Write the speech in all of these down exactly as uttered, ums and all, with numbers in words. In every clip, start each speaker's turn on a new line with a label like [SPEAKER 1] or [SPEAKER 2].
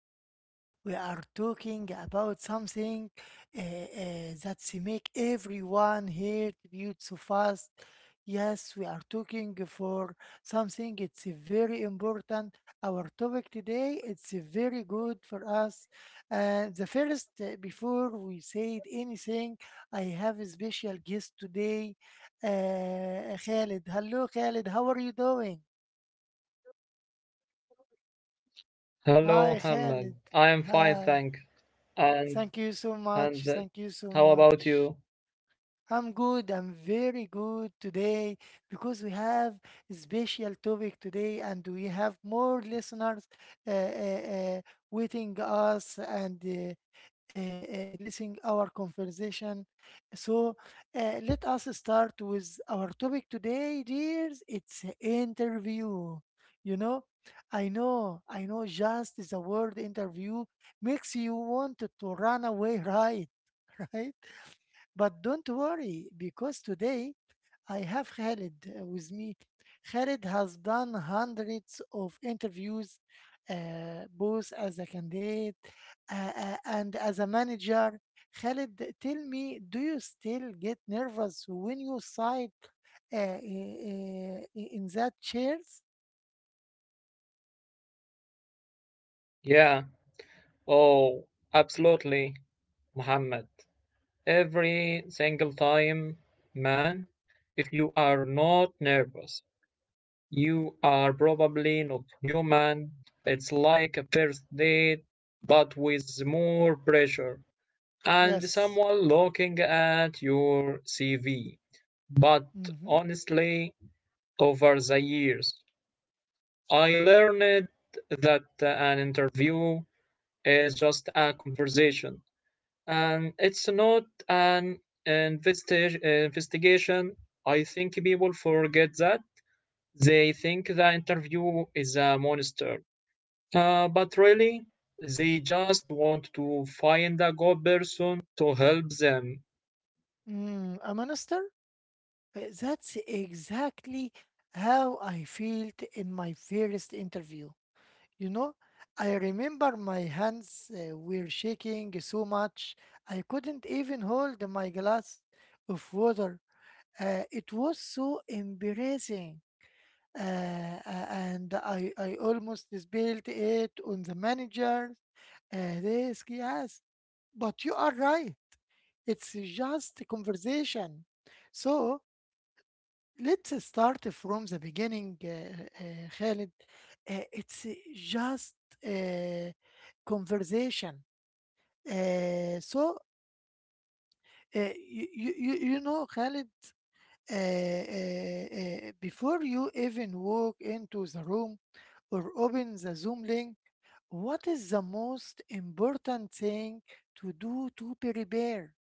[SPEAKER 1] Today we are talking about something uh, uh, that make everyone here to build so fast. Yes, we are talking for something it's very important. Our topic today it's very good for us. Uh, the first, uh, before we said anything, I have a special guest today, uh, Khalid. Hello, Khalid. How are you doing?
[SPEAKER 2] Hello,
[SPEAKER 1] Hi,
[SPEAKER 2] Mohammed.
[SPEAKER 1] Khalid.
[SPEAKER 2] I am fine,
[SPEAKER 1] Hi.
[SPEAKER 2] thanks. And
[SPEAKER 1] Thank you so much.
[SPEAKER 2] and uh,
[SPEAKER 1] Thank you so
[SPEAKER 2] how about
[SPEAKER 1] much.
[SPEAKER 2] you?
[SPEAKER 1] I'm good. I'm very good today because we have a special topic today and we have more listeners uh, uh, uh, waiting us and uh, uh, uh, listening our conversation. So uh, let us start with our topic today, dears. It's a interview. You know, I know, I know just the word interview makes you want to run away, right? Right? But don't worry, because today I have Khalid uh, with me. Khalid has done hundreds of interviews, uh, both as a candidate uh, uh, and as a manager. Khalid, tell me, do you still get nervous when you sit uh, i- in that chairs?
[SPEAKER 2] Yeah. Oh, absolutely, Mohammed. Every single time, man, if you are not nervous, you are probably not human. It's like a first date, but with more pressure and
[SPEAKER 1] Yes.
[SPEAKER 2] someone looking at your C V. But
[SPEAKER 1] Mm-hmm.
[SPEAKER 2] honestly, over the years, I learned that an interview is just a conversation and it's not an investi- investigation. I think people forget that. They think the interview is a monster. Uh, but really, they just want to find a good person to help them.
[SPEAKER 1] Mm, a minister? Uh, That's exactly how I felt in my first interview. You know, I remember my hands uh, were shaking so much, I couldn't even hold my glass of water. Uh, it was so embarrassing. Uh, a- and I, I almost spilled it on the manager's uh, desk, yes. But you are right. It's just a conversation. So let's uh, start from the beginning, uh, uh, Khalid. Uh, it's just uh, conversation. Uh, so, uh, you, you, you know, Khalid, uh, uh, uh, before you even walk into the room or open the Zoom link, what is the most important thing to do to prepare?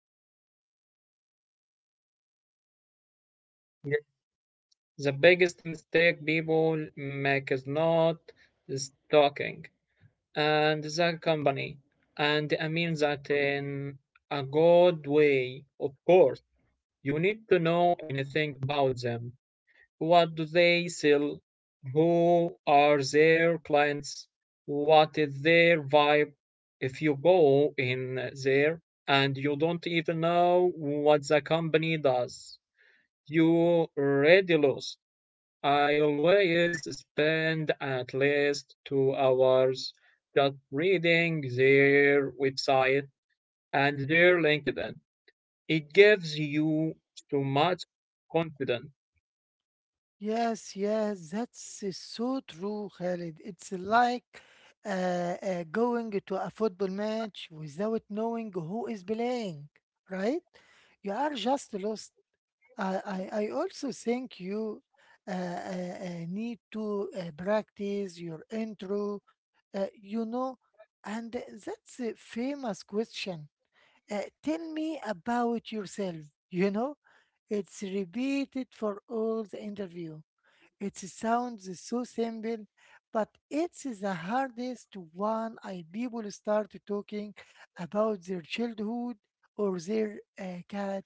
[SPEAKER 2] The biggest mistake people make is not stalking and the company, and I mean that in a good way, of course. You need to know anything about them. What do they sell? Who are their clients? What is their vibe? If you go in there and you don't even know what the company does, you already lost. I always spend at least two hours just reading their website and their LinkedIn. It gives you so much confidence.
[SPEAKER 1] Yes, yes, that's uh, so true, Khalid. It's like uh, uh, going to a football match without knowing who is playing, right? You are just lost. I, I, I also think you uh, uh, uh, need to uh, practice your intro, uh, you know, and that's a famous question. Uh, tell me about yourself, you know, it's repeated for all the interview it sounds so simple, but it's the hardest one. I people start talking about their childhood or their uh, cat.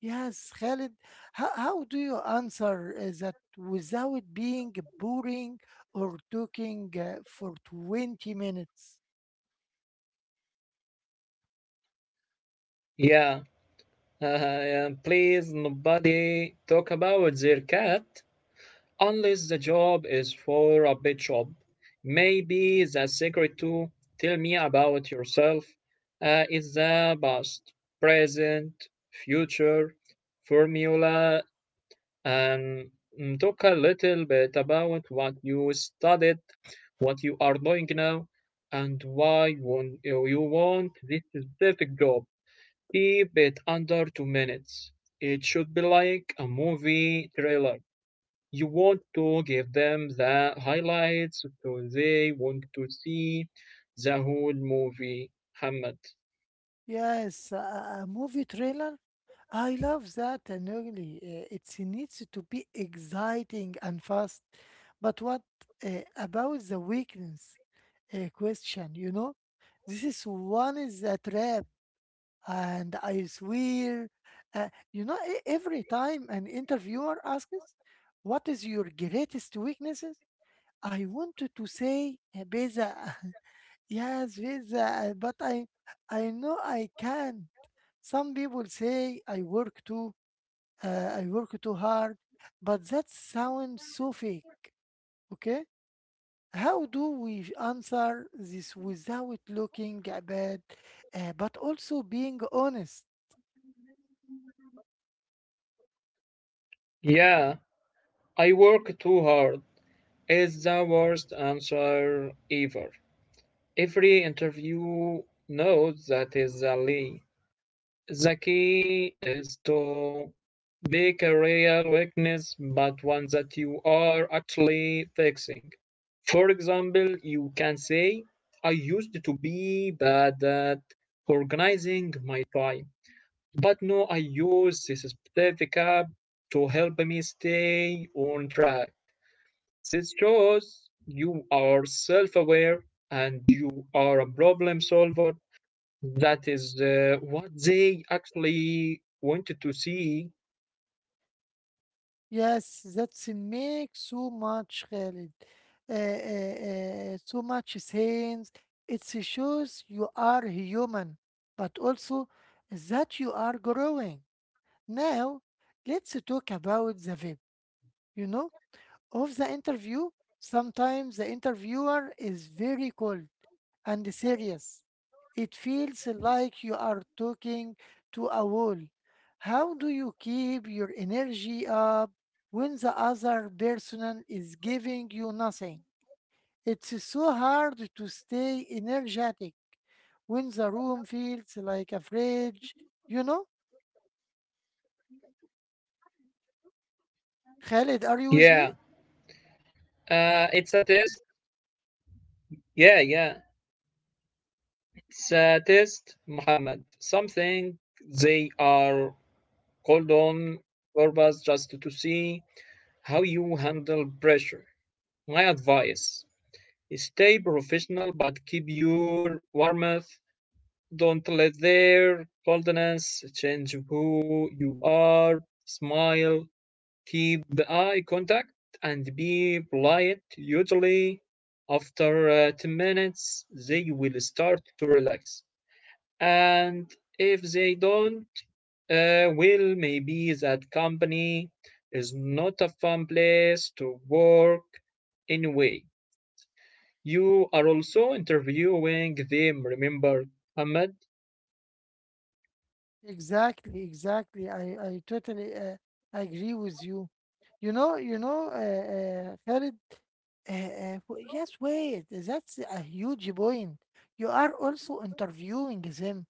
[SPEAKER 1] Yes, Khalid, how, how do you answer uh, that without being boring or talking uh, for twenty minutes?
[SPEAKER 2] Yeah, and please nobody talk about their cat unless the job is for a bit job. Maybe the secret to tell me about yourself uh, is the past, present, future formula and mm, talk a little bit about what you studied, what you are doing now, and why you want this specific job. Keep it under two minutes. It should be like a movie trailer. You want to give them the highlights so they want to see the whole movie, Hamad.
[SPEAKER 1] Yes, a a a movie trailer I love that and really uh, it needs to be exciting and fast. But what uh, about the weakness uh, question? You know, this is one is a trap, and I swear, uh, you know, e- every time an interviewer asks, "What is your greatest weaknesses?" I wanted to say uh, Beza, yes, Beza, but I, I know I can't. Some people say I work too uh, I work too hard, but that sounds so fake. Okay? How do we answer this without looking bad, uh, but also being honest?
[SPEAKER 2] Yeah, I work too hard is the worst answer ever. Every interview knows that is a lie. The key is to pick a real weakness, but one that you are actually fixing. For example, you can say, I used to be bad at organizing my time, but now I use this specific app to help me stay on track. This shows you are self aware and you are a problem solver. That is uh, what they actually wanted to see.
[SPEAKER 1] Yes, that's makes so much Khalid. Uh, uh, uh, so much sense. It shows you are human, but also that you are growing. Now, let's talk about the vibe. You know, of the interview, sometimes the interviewer is very cold and serious. It feels like you are talking to a wall. How do you keep your energy up when the other person is giving you nothing? It's so hard to stay energetic when the room feels like a fridge, you know? Khaled, are you with me?
[SPEAKER 2] Yeah, uh, it's a test. Yeah, yeah, it's a test, Muhammad. Something they are called on purpose just to see how you handle pressure. My advice, stay professional but keep your warmth. Don't let their coldness change who you are. Smile, keep the eye contact and be polite. Usually, after uh, ten minutes, they will start to relax. And if they don't, uh, well, maybe that company is not a fun place to work anyway. You are also interviewing them, remember, Ahmed?
[SPEAKER 1] Exactly, exactly. I, I totally uh, agree with you. You know, you know, uh, uh, Khalid, uh, uh, w- yes, wait, that's a huge point. You are also interviewing them.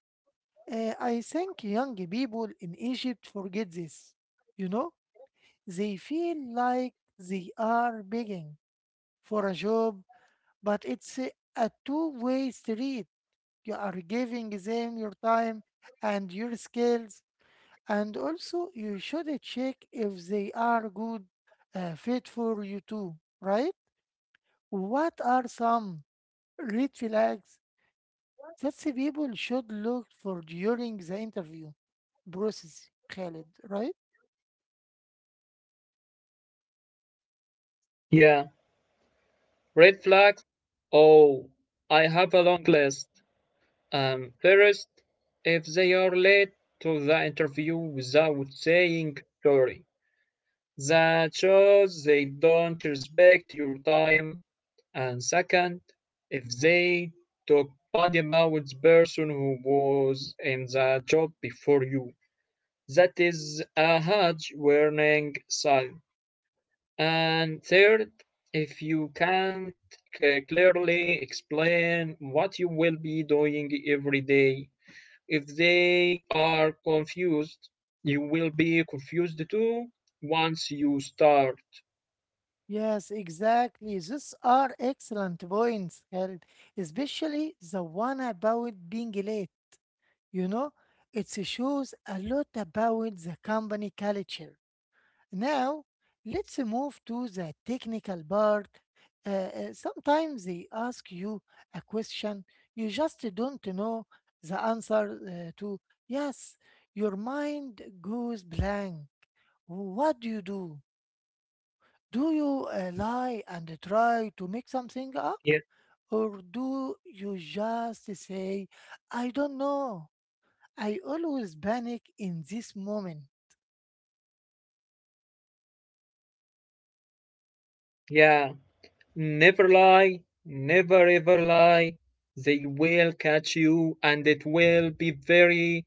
[SPEAKER 1] Uh, I think young people in Egypt forget this. You know, they feel like they are begging for a job, but it's a, a two way street. You are giving them your time and your skills, and also, you should check if they are good uh, fit for you too, right? What are some red flags that the people should look for during the interview process, Khalid, right?
[SPEAKER 2] Yeah, red flags. Oh, I have a long list. Um, first, if they are late to the interview without saying sorry, that shows they don't respect your time. And second, if they talk bad about the person who was in the job before you, that is a huge warning sign. And third, if you can't clearly explain what you will be doing every day, if they are confused, you will be confused too once you start.
[SPEAKER 1] Yes, exactly. These are excellent points, Khalid, especially the one about being late. You know, it shows a lot about the company culture. Now, let's move to the technical part. Uh, uh, sometimes they ask you a question you just don't know the answer uh, to. Yes, your mind goes blank. What do you do? Do you uh, lie and try to make something up?
[SPEAKER 2] Yeah.
[SPEAKER 1] Or do you just say, I don't know? I always panic in this moment.
[SPEAKER 2] Yeah. Never lie. Never ever lie. They will catch you and it will be very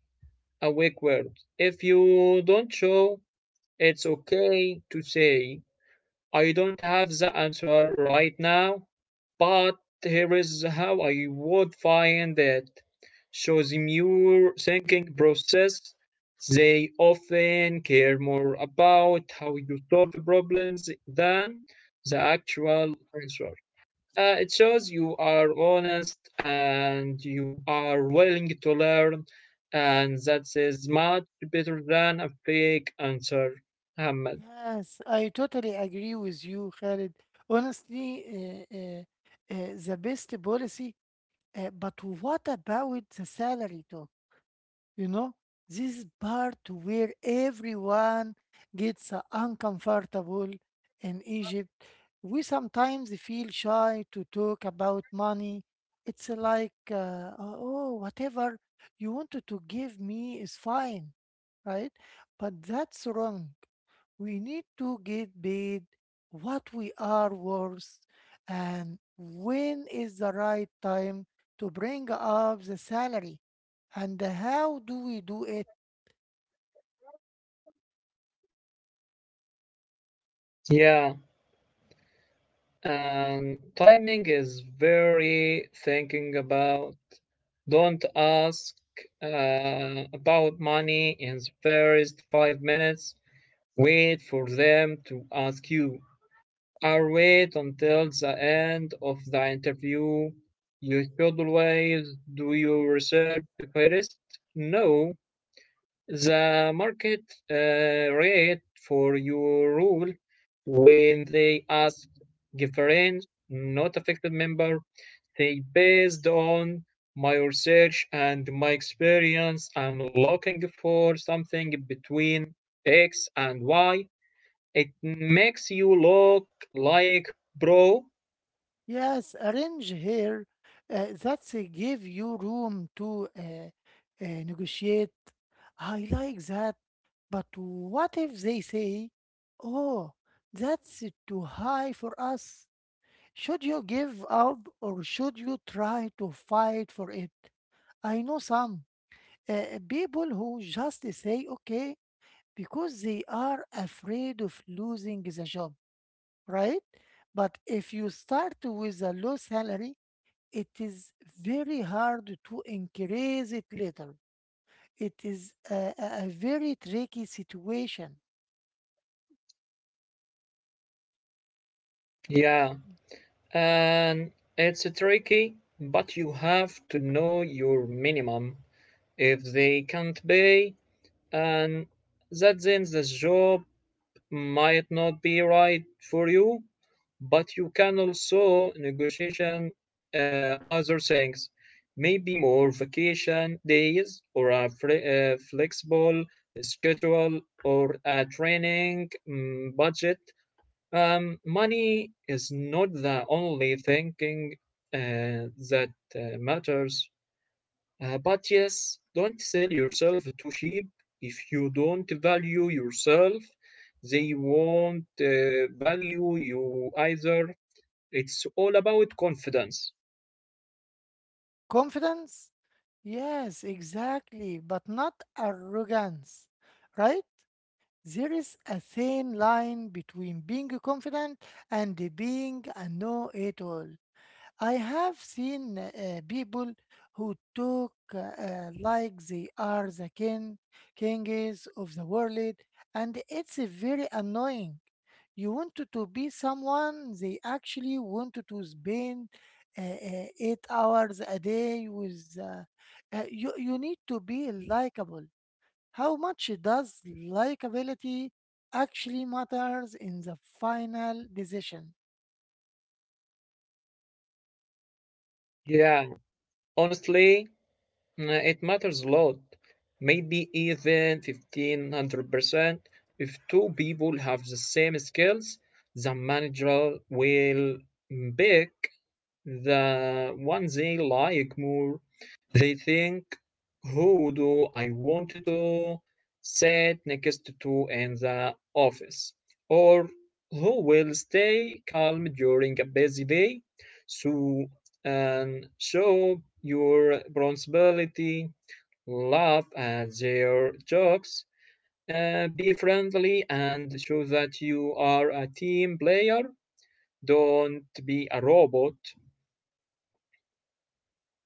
[SPEAKER 2] awkward. If you don't show, it's okay to say I don't have the answer right now, but here is how I would find it. So the more thinking process, they often care more about how you solve the problems than the actual answer. Uh, it shows you are honest and you are willing to learn, and that is much better than a fake answer, Ahmed.
[SPEAKER 1] Yes, I totally agree with you, Khalid. Honestly, uh, uh, uh, the best policy, uh, but what about the salary too? You know, this is part where everyone gets uh, uncomfortable in Egypt. We sometimes feel shy to talk about money. It's like, uh, oh, whatever you wanted to give me is fine, right? But that's wrong we need to get paid what we are worth and when is the right time to bring up the salary and how do we do it?
[SPEAKER 2] Yeah. And timing is very thinking about. Don't ask uh, about money in the first five minutes. Wait for them to ask you, or wait until the end of the interview. You should always do your research first. Know the market uh, rate for your rule. When they ask different not affected member, hey, based on my research and my experience, I'm looking for something between X and Y. It makes you look like bro.
[SPEAKER 1] Yes, arrange here uh, that's a give you room to uh, uh, negotiate. I like that. But what if they say, oh, that's too high for us? Should you give up or should you try to fight for it? I know some uh, people who just say okay because they are afraid of losing the job, right? But if you start with a low salary, it is very hard to increase it later. It is a, a a very tricky situation.
[SPEAKER 2] Yeah, and it's tricky, but you have to know your minimum. If they can't pay, and that ends, the job might not be right for you, but you can also negotiation uh, other things, maybe more vacation days or a fle- uh, flexible schedule or a training mm, budget. Um, money is not the only thinking uh, that uh, matters. Uh, but yes, don't sell yourself too cheap. If you don't value yourself, they won't uh, value you either. It's all about confidence.
[SPEAKER 1] Confidence? Yes, exactly, but not arrogance, right? There is a thin line between being confident and being a know it all. I have seen uh, people who talk uh, uh, like they are the king, kings of the world, and it's uh, very annoying. You want to to be someone they actually want to to spend uh, uh, eight hours a day with. Uh, uh, you, you need to be likable. How much does likability actually matters in the final decision?
[SPEAKER 2] Yeah, honestly, mm, it matters a lot. Maybe even fifteen hundred percent. If two people have the same skills, the manager will pick the one they like more. They think, who do I want to sit next to in the office? Or who will stay calm during a busy day? So, and show your responsibility, laugh at their jokes, uh, be friendly, and show that you are a team player. Don't be a robot.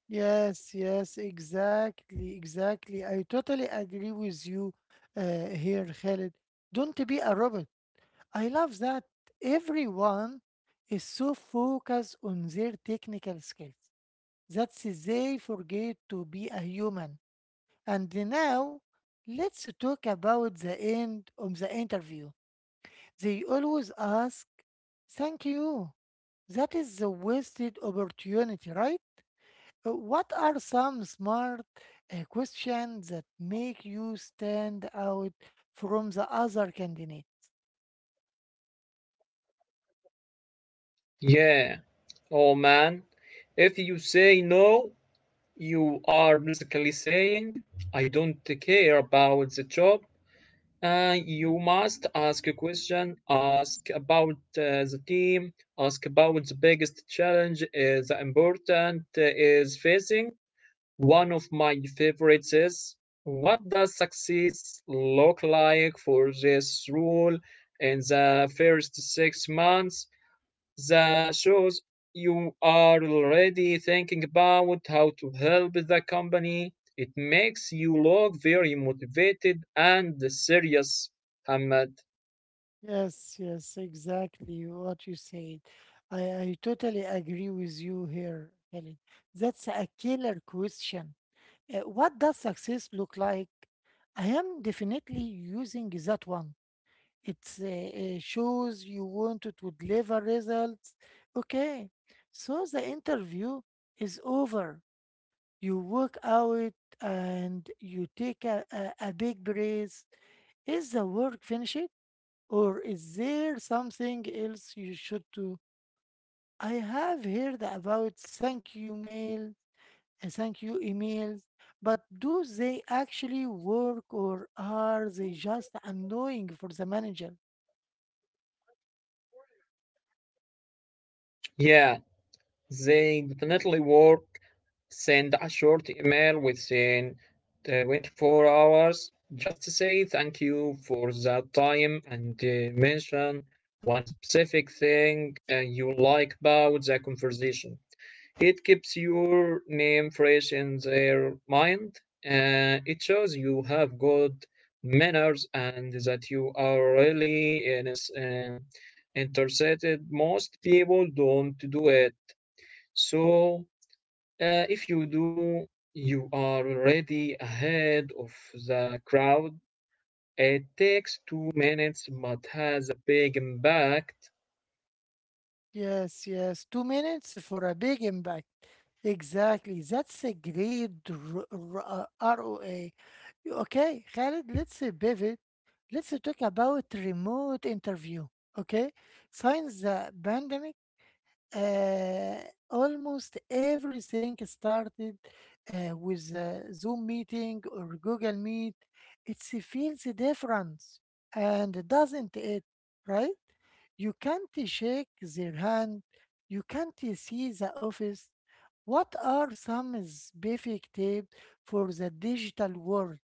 [SPEAKER 1] Yes, yes, exactly, exactly, I totally agree with you uh, here, Khalid. Don't be a robot. I love that. Everyone is so focused on their technical skills that they forget to be a human. And now let's talk about the end of the interview. They always ask, thank you. That is a wasted opportunity, right? Uh, what are some smart uh, questions that make you stand out from the other candidate?
[SPEAKER 2] Yeah. Oh man, if you say no, you are basically saying, I don't care about the job. Uh, you must ask a question, ask about uh, the team, ask about the biggest challenge uh, the important uh, is facing. One of my favorites is, what does success look like for this role in the first six months? That shows you are already thinking about how to help the company. It makes you look very motivated and serious, Hamad.
[SPEAKER 1] Yes, yes, exactly what you said. I, I totally agree with you here, Helen. That's a killer question. Uh, what does success look like? I am definitely using that one. It uh, uh, shows you wanted to deliver results. Okay, so the interview is over. You walk out and you take a, a, a, big breath. Is the work finished or is there something else you should do? I have heard about thank you mail, uh, thank you emails, but do they actually work or are they just annoying for the manager?
[SPEAKER 2] Yeah, they definitely work. Send a short email within twenty-four hours. Just say thank you for that time and uh, mention one specific thing uh, you like about the conversation. It keeps your name fresh in their mind. Uh, it shows you have good manners and that you are really in is- um, interested. Most people don't do it. So uh, if you do, you are already ahead of the crowd. It takes two minutes but has a big impact.
[SPEAKER 1] Yes, yes. Two minutes for a big impact. Exactly. That's a great r- r- uh, R O A. You- Okay, Khalid, let's uh, pivot. Let's uh, talk about remote interview. Okay, since the pandemic, uh, almost everything started uh, with a Zoom meeting or Google Meet. It feels different, and doesn't it? Right? You can't shake their hand. You can't see the office. What are some specific tips for the digital world?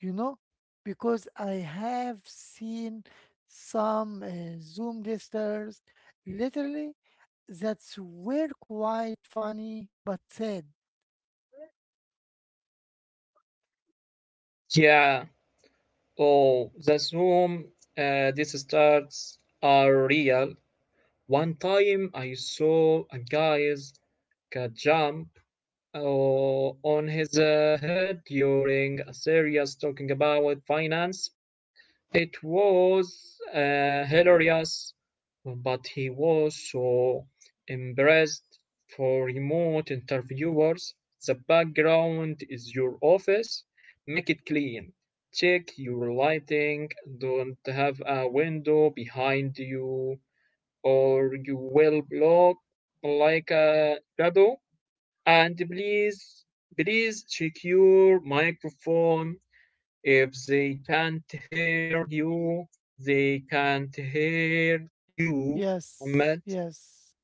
[SPEAKER 1] You know, because I have seen some uh, Zoom listeners literally that's were quite funny but sad.
[SPEAKER 2] Yeah. Oh, the Zoom uh, these starts are real. One time I saw a guy's cat jump uh, on his uh, head during a series talking about finance. It was uh, hilarious. But he was so embarrassed. For remote interviewers, the background is your office. Make it clean. Check your lighting. Don't have a window behind you, or you will look like a shadow. And please, please check your microphone. If they can't hear you, they can't hear you.
[SPEAKER 1] Yes,
[SPEAKER 2] Ahmed.
[SPEAKER 1] yes,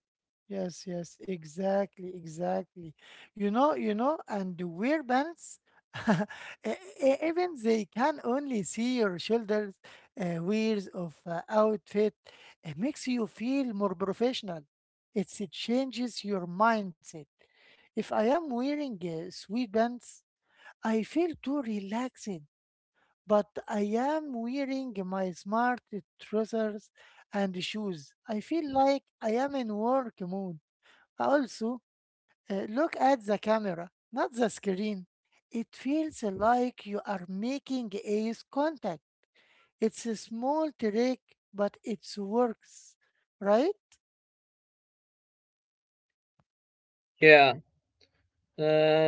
[SPEAKER 1] yes, yes, exactly, exactly. You know, you know, and the weird bands, e- e- even they can only see your shoulders, uh, wears of uh, outfit. It makes you feel more professional. It's, it changes your mindset. If I am wearing uh, sweet pants, I feel too relaxed, but I am wearing my smart trousers and shoes. I feel like I am in work mode. Also, uh, look at the camera, not the screen. It feels like you are making eyes contact. It's a small trick, but it works, right?
[SPEAKER 2] Yeah,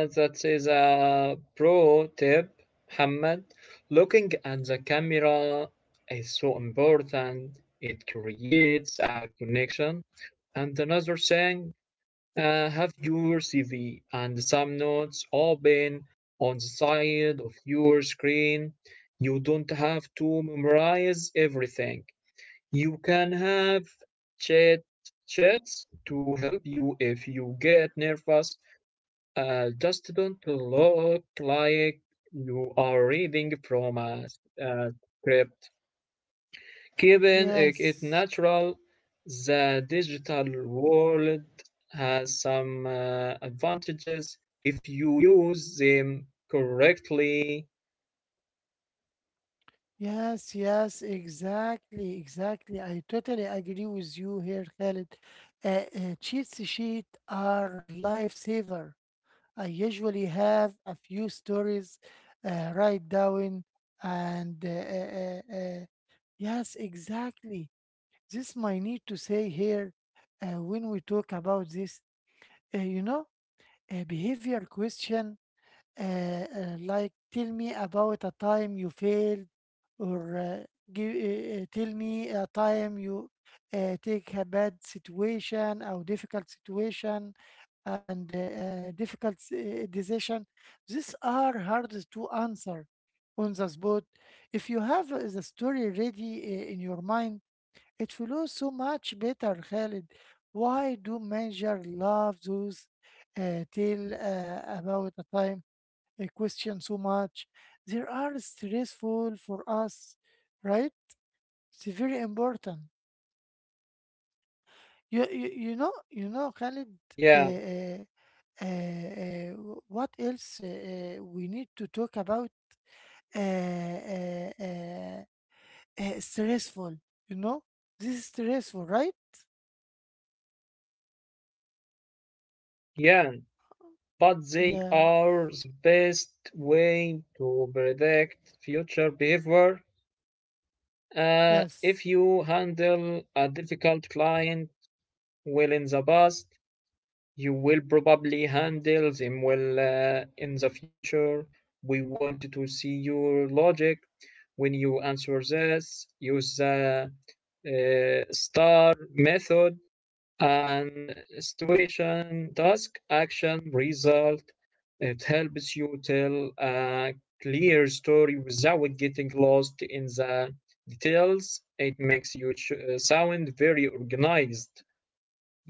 [SPEAKER 2] uh, that is a pro tip, Mohammed. Looking at the camera is so important. It creates a connection. And another thing, uh, have your C V and some notes open on the side of your screen. You don't have to memorize everything. You can have chat chats to help you if you get nervous, uh, just don't look like you are reading from a, a script. Keeping it
[SPEAKER 1] Yes.
[SPEAKER 2] natural, the digital world has some uh, advantages if you use them correctly.
[SPEAKER 1] Yes, yes, exactly, exactly. I totally agree with you here, Khaled. Uh, uh, Cheat sheet are lifesaver. I usually have a few stories uh, write down, and uh, uh, uh, uh, yes, exactly. This might need to say here uh, when we talk about this. Uh, you know, a behavior question uh, uh, like, tell me about a time you failed, or uh, give, uh, uh, tell me a time you uh, take a bad situation or difficult situation and uh, uh, difficult s- uh, decision. These are hard to answer on the spot. If you have uh, the story ready uh, in your mind, it flows so much better, Khalid. Why do major love those uh, tell uh, about a time? uh, question so much. They are stressful for us, right? It's very important. You you, you know you know Khalid. Uh,
[SPEAKER 2] Yeah,
[SPEAKER 1] uh, uh, uh, what else uh, uh, we need to talk about? Uh, uh, uh, uh, stressful. You know, this is stressful, right?
[SPEAKER 2] yeah, but they
[SPEAKER 1] Yeah.
[SPEAKER 2] are the best way to predict future behavior. Uh,
[SPEAKER 1] Yes.
[SPEAKER 2] if you handle a difficult client well in the past, you will probably handle them well uh, in the future. We want to see your logic when you answer this. Use the uh, star method and situation, task, action, result. It helps you tell a clear story without getting lost in the details. It makes you uh, sound very organized,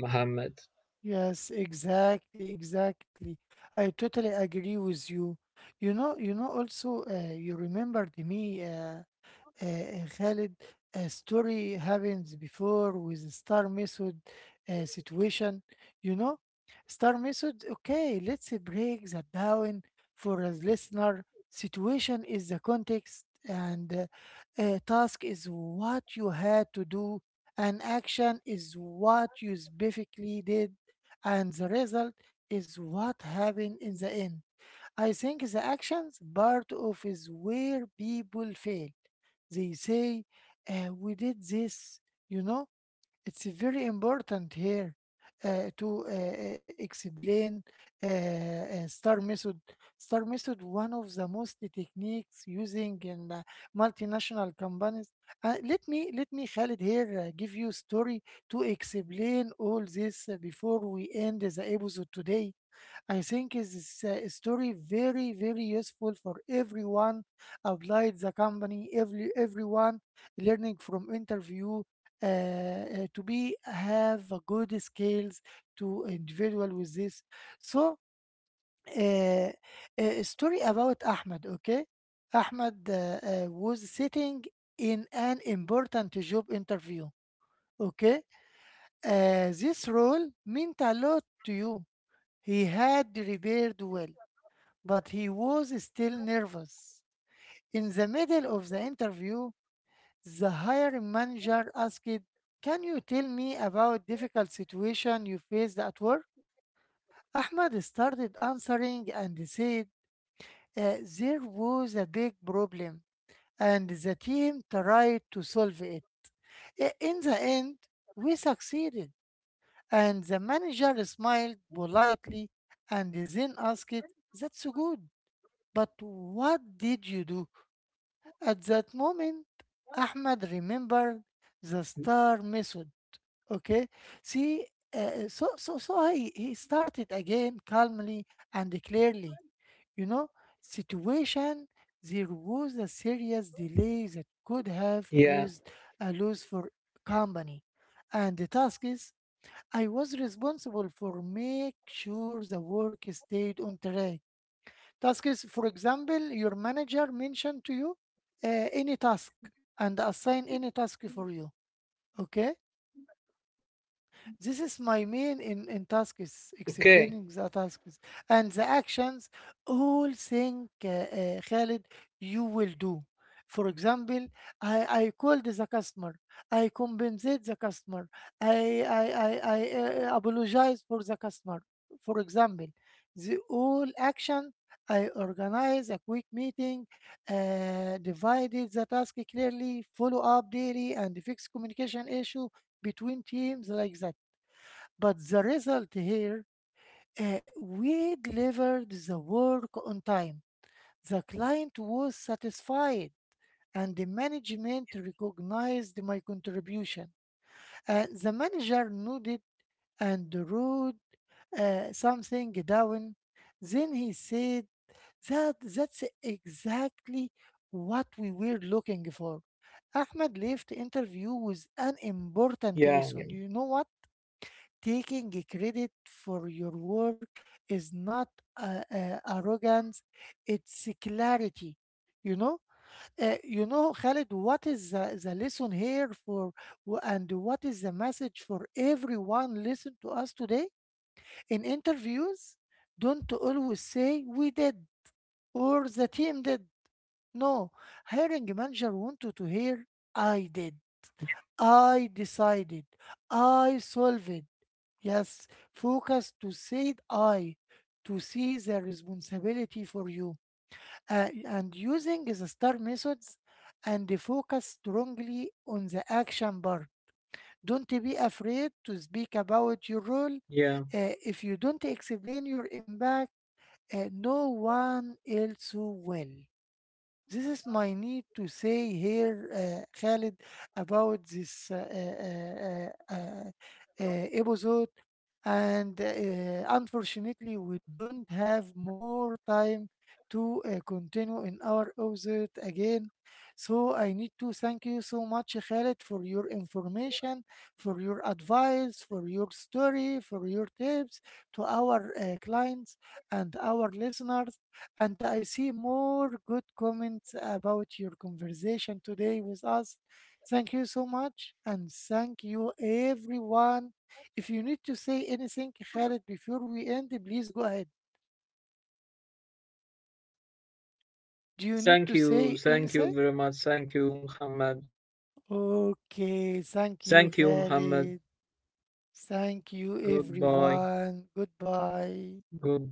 [SPEAKER 2] Mohammed.
[SPEAKER 1] Yes. Exactly. Exactly. I totally agree with you. You know, you know, also, uh, you remembered me. Uh, uh, Khalid, a story happens before with the star method uh, situation. You know, star method. Okay, let's break that down for a listener. Situation is the context, and uh, uh, task is what you had to do, and action is what you specifically did, and the result is what happened in the end. I think the actions part of is where people fail they say, uh, "We did this." You know, it's very important here uh, to uh, uh, explain uh, uh, star method. Star method, one of the most techniques using in uh, multinational companies. Uh, let me let me Khalid here uh, give you story to explain all this uh, before we end the episode today. I think this uh, story very very useful for everyone outside the company, every everyone learning from interview uh, uh, to be have a good skills to individual with this. So uh, a story about Ahmed. Okay, Ahmed uh, uh, was sitting in an important job interview. Okay, uh, this role meant a lot to you. He had repaired well but he was still nervous. In the middle of the interview, the hiring manager asked, can you tell me about difficult situation you faced at work? Ahmed started answering and said, "Uh, There was a big problem, and the team tried to solve it. I- In the end, we succeeded. And the manager smiled politely and then asked, that's good, but what did you do? At that moment, Ahmad remembered the star method. Okay, see, uh, so so so he, he started again calmly and clearly. You know, situation, there was a serious delay that could have
[SPEAKER 2] Yeah,
[SPEAKER 1] caused a loss for company, and the task is I was responsible for make sure the work stayed on track. Task is, for example, your manager mentioned to you uh, any task and assign any task for you. Okay. This is my main in, in task is
[SPEAKER 2] okay.
[SPEAKER 1] explaining the tasks and the actions, all thing, uh, uh, Khalid, you will do. For example, I, I called the customer. I compensate the customer. I, I, I, I uh, apologize for the customer. For example, the all action, I organize a quick meeting, uh, divided the task clearly, follow up daily, and fix communication issue between teams like that. But the result here, uh, we delivered the work on time. The client was satisfied and the management recognized my contribution. Uh, the manager nodded and wrote uh, something down. Then he said that that's exactly what we were looking for. Ahmed left interview with an important lesson.
[SPEAKER 2] Yeah, yeah,
[SPEAKER 1] You know what? Taking a credit for your work is not uh, uh, arrogance, it's clarity. You know, uh, you know, Khalid, what is the, the lesson here for, wh- and what is the message for everyone listen to us today? In interviews, don't always say we did or the team did. No, hiring manager wanted to hear I did. I decided. I solved. Yes, focus to said I, to see the responsibility for you. Uh, and using the star methods and the focus strongly on the action part. Don't be afraid to speak about your role.
[SPEAKER 2] yeah.
[SPEAKER 1] Uh, if you don't explain your impact, uh, no one else will. This is my need to say here, uh, Khalid, about this uh, uh, uh, uh, uh, uh, episode and uh, unfortunately we don't have more time to uh, continue in our episode again, so I need to thank you so much, Khaled, for your information, for your advice, for your story, for your tips to our uh, clients and our listeners, and I see more good comments about your conversation today with us. Thank you so much, and thank you everyone. If you need to say anything, Khaled, before we end, please go ahead. Do you need to
[SPEAKER 2] Thank
[SPEAKER 1] say
[SPEAKER 2] you,
[SPEAKER 1] anything?
[SPEAKER 2] thank you very much. Thank you, Muhammad.
[SPEAKER 1] Okay, thank you,
[SPEAKER 2] Thank you, Muhammad.
[SPEAKER 1] Khaled. Thank you,
[SPEAKER 2] Goodbye,
[SPEAKER 1] everyone. Goodbye.
[SPEAKER 2] goodbye.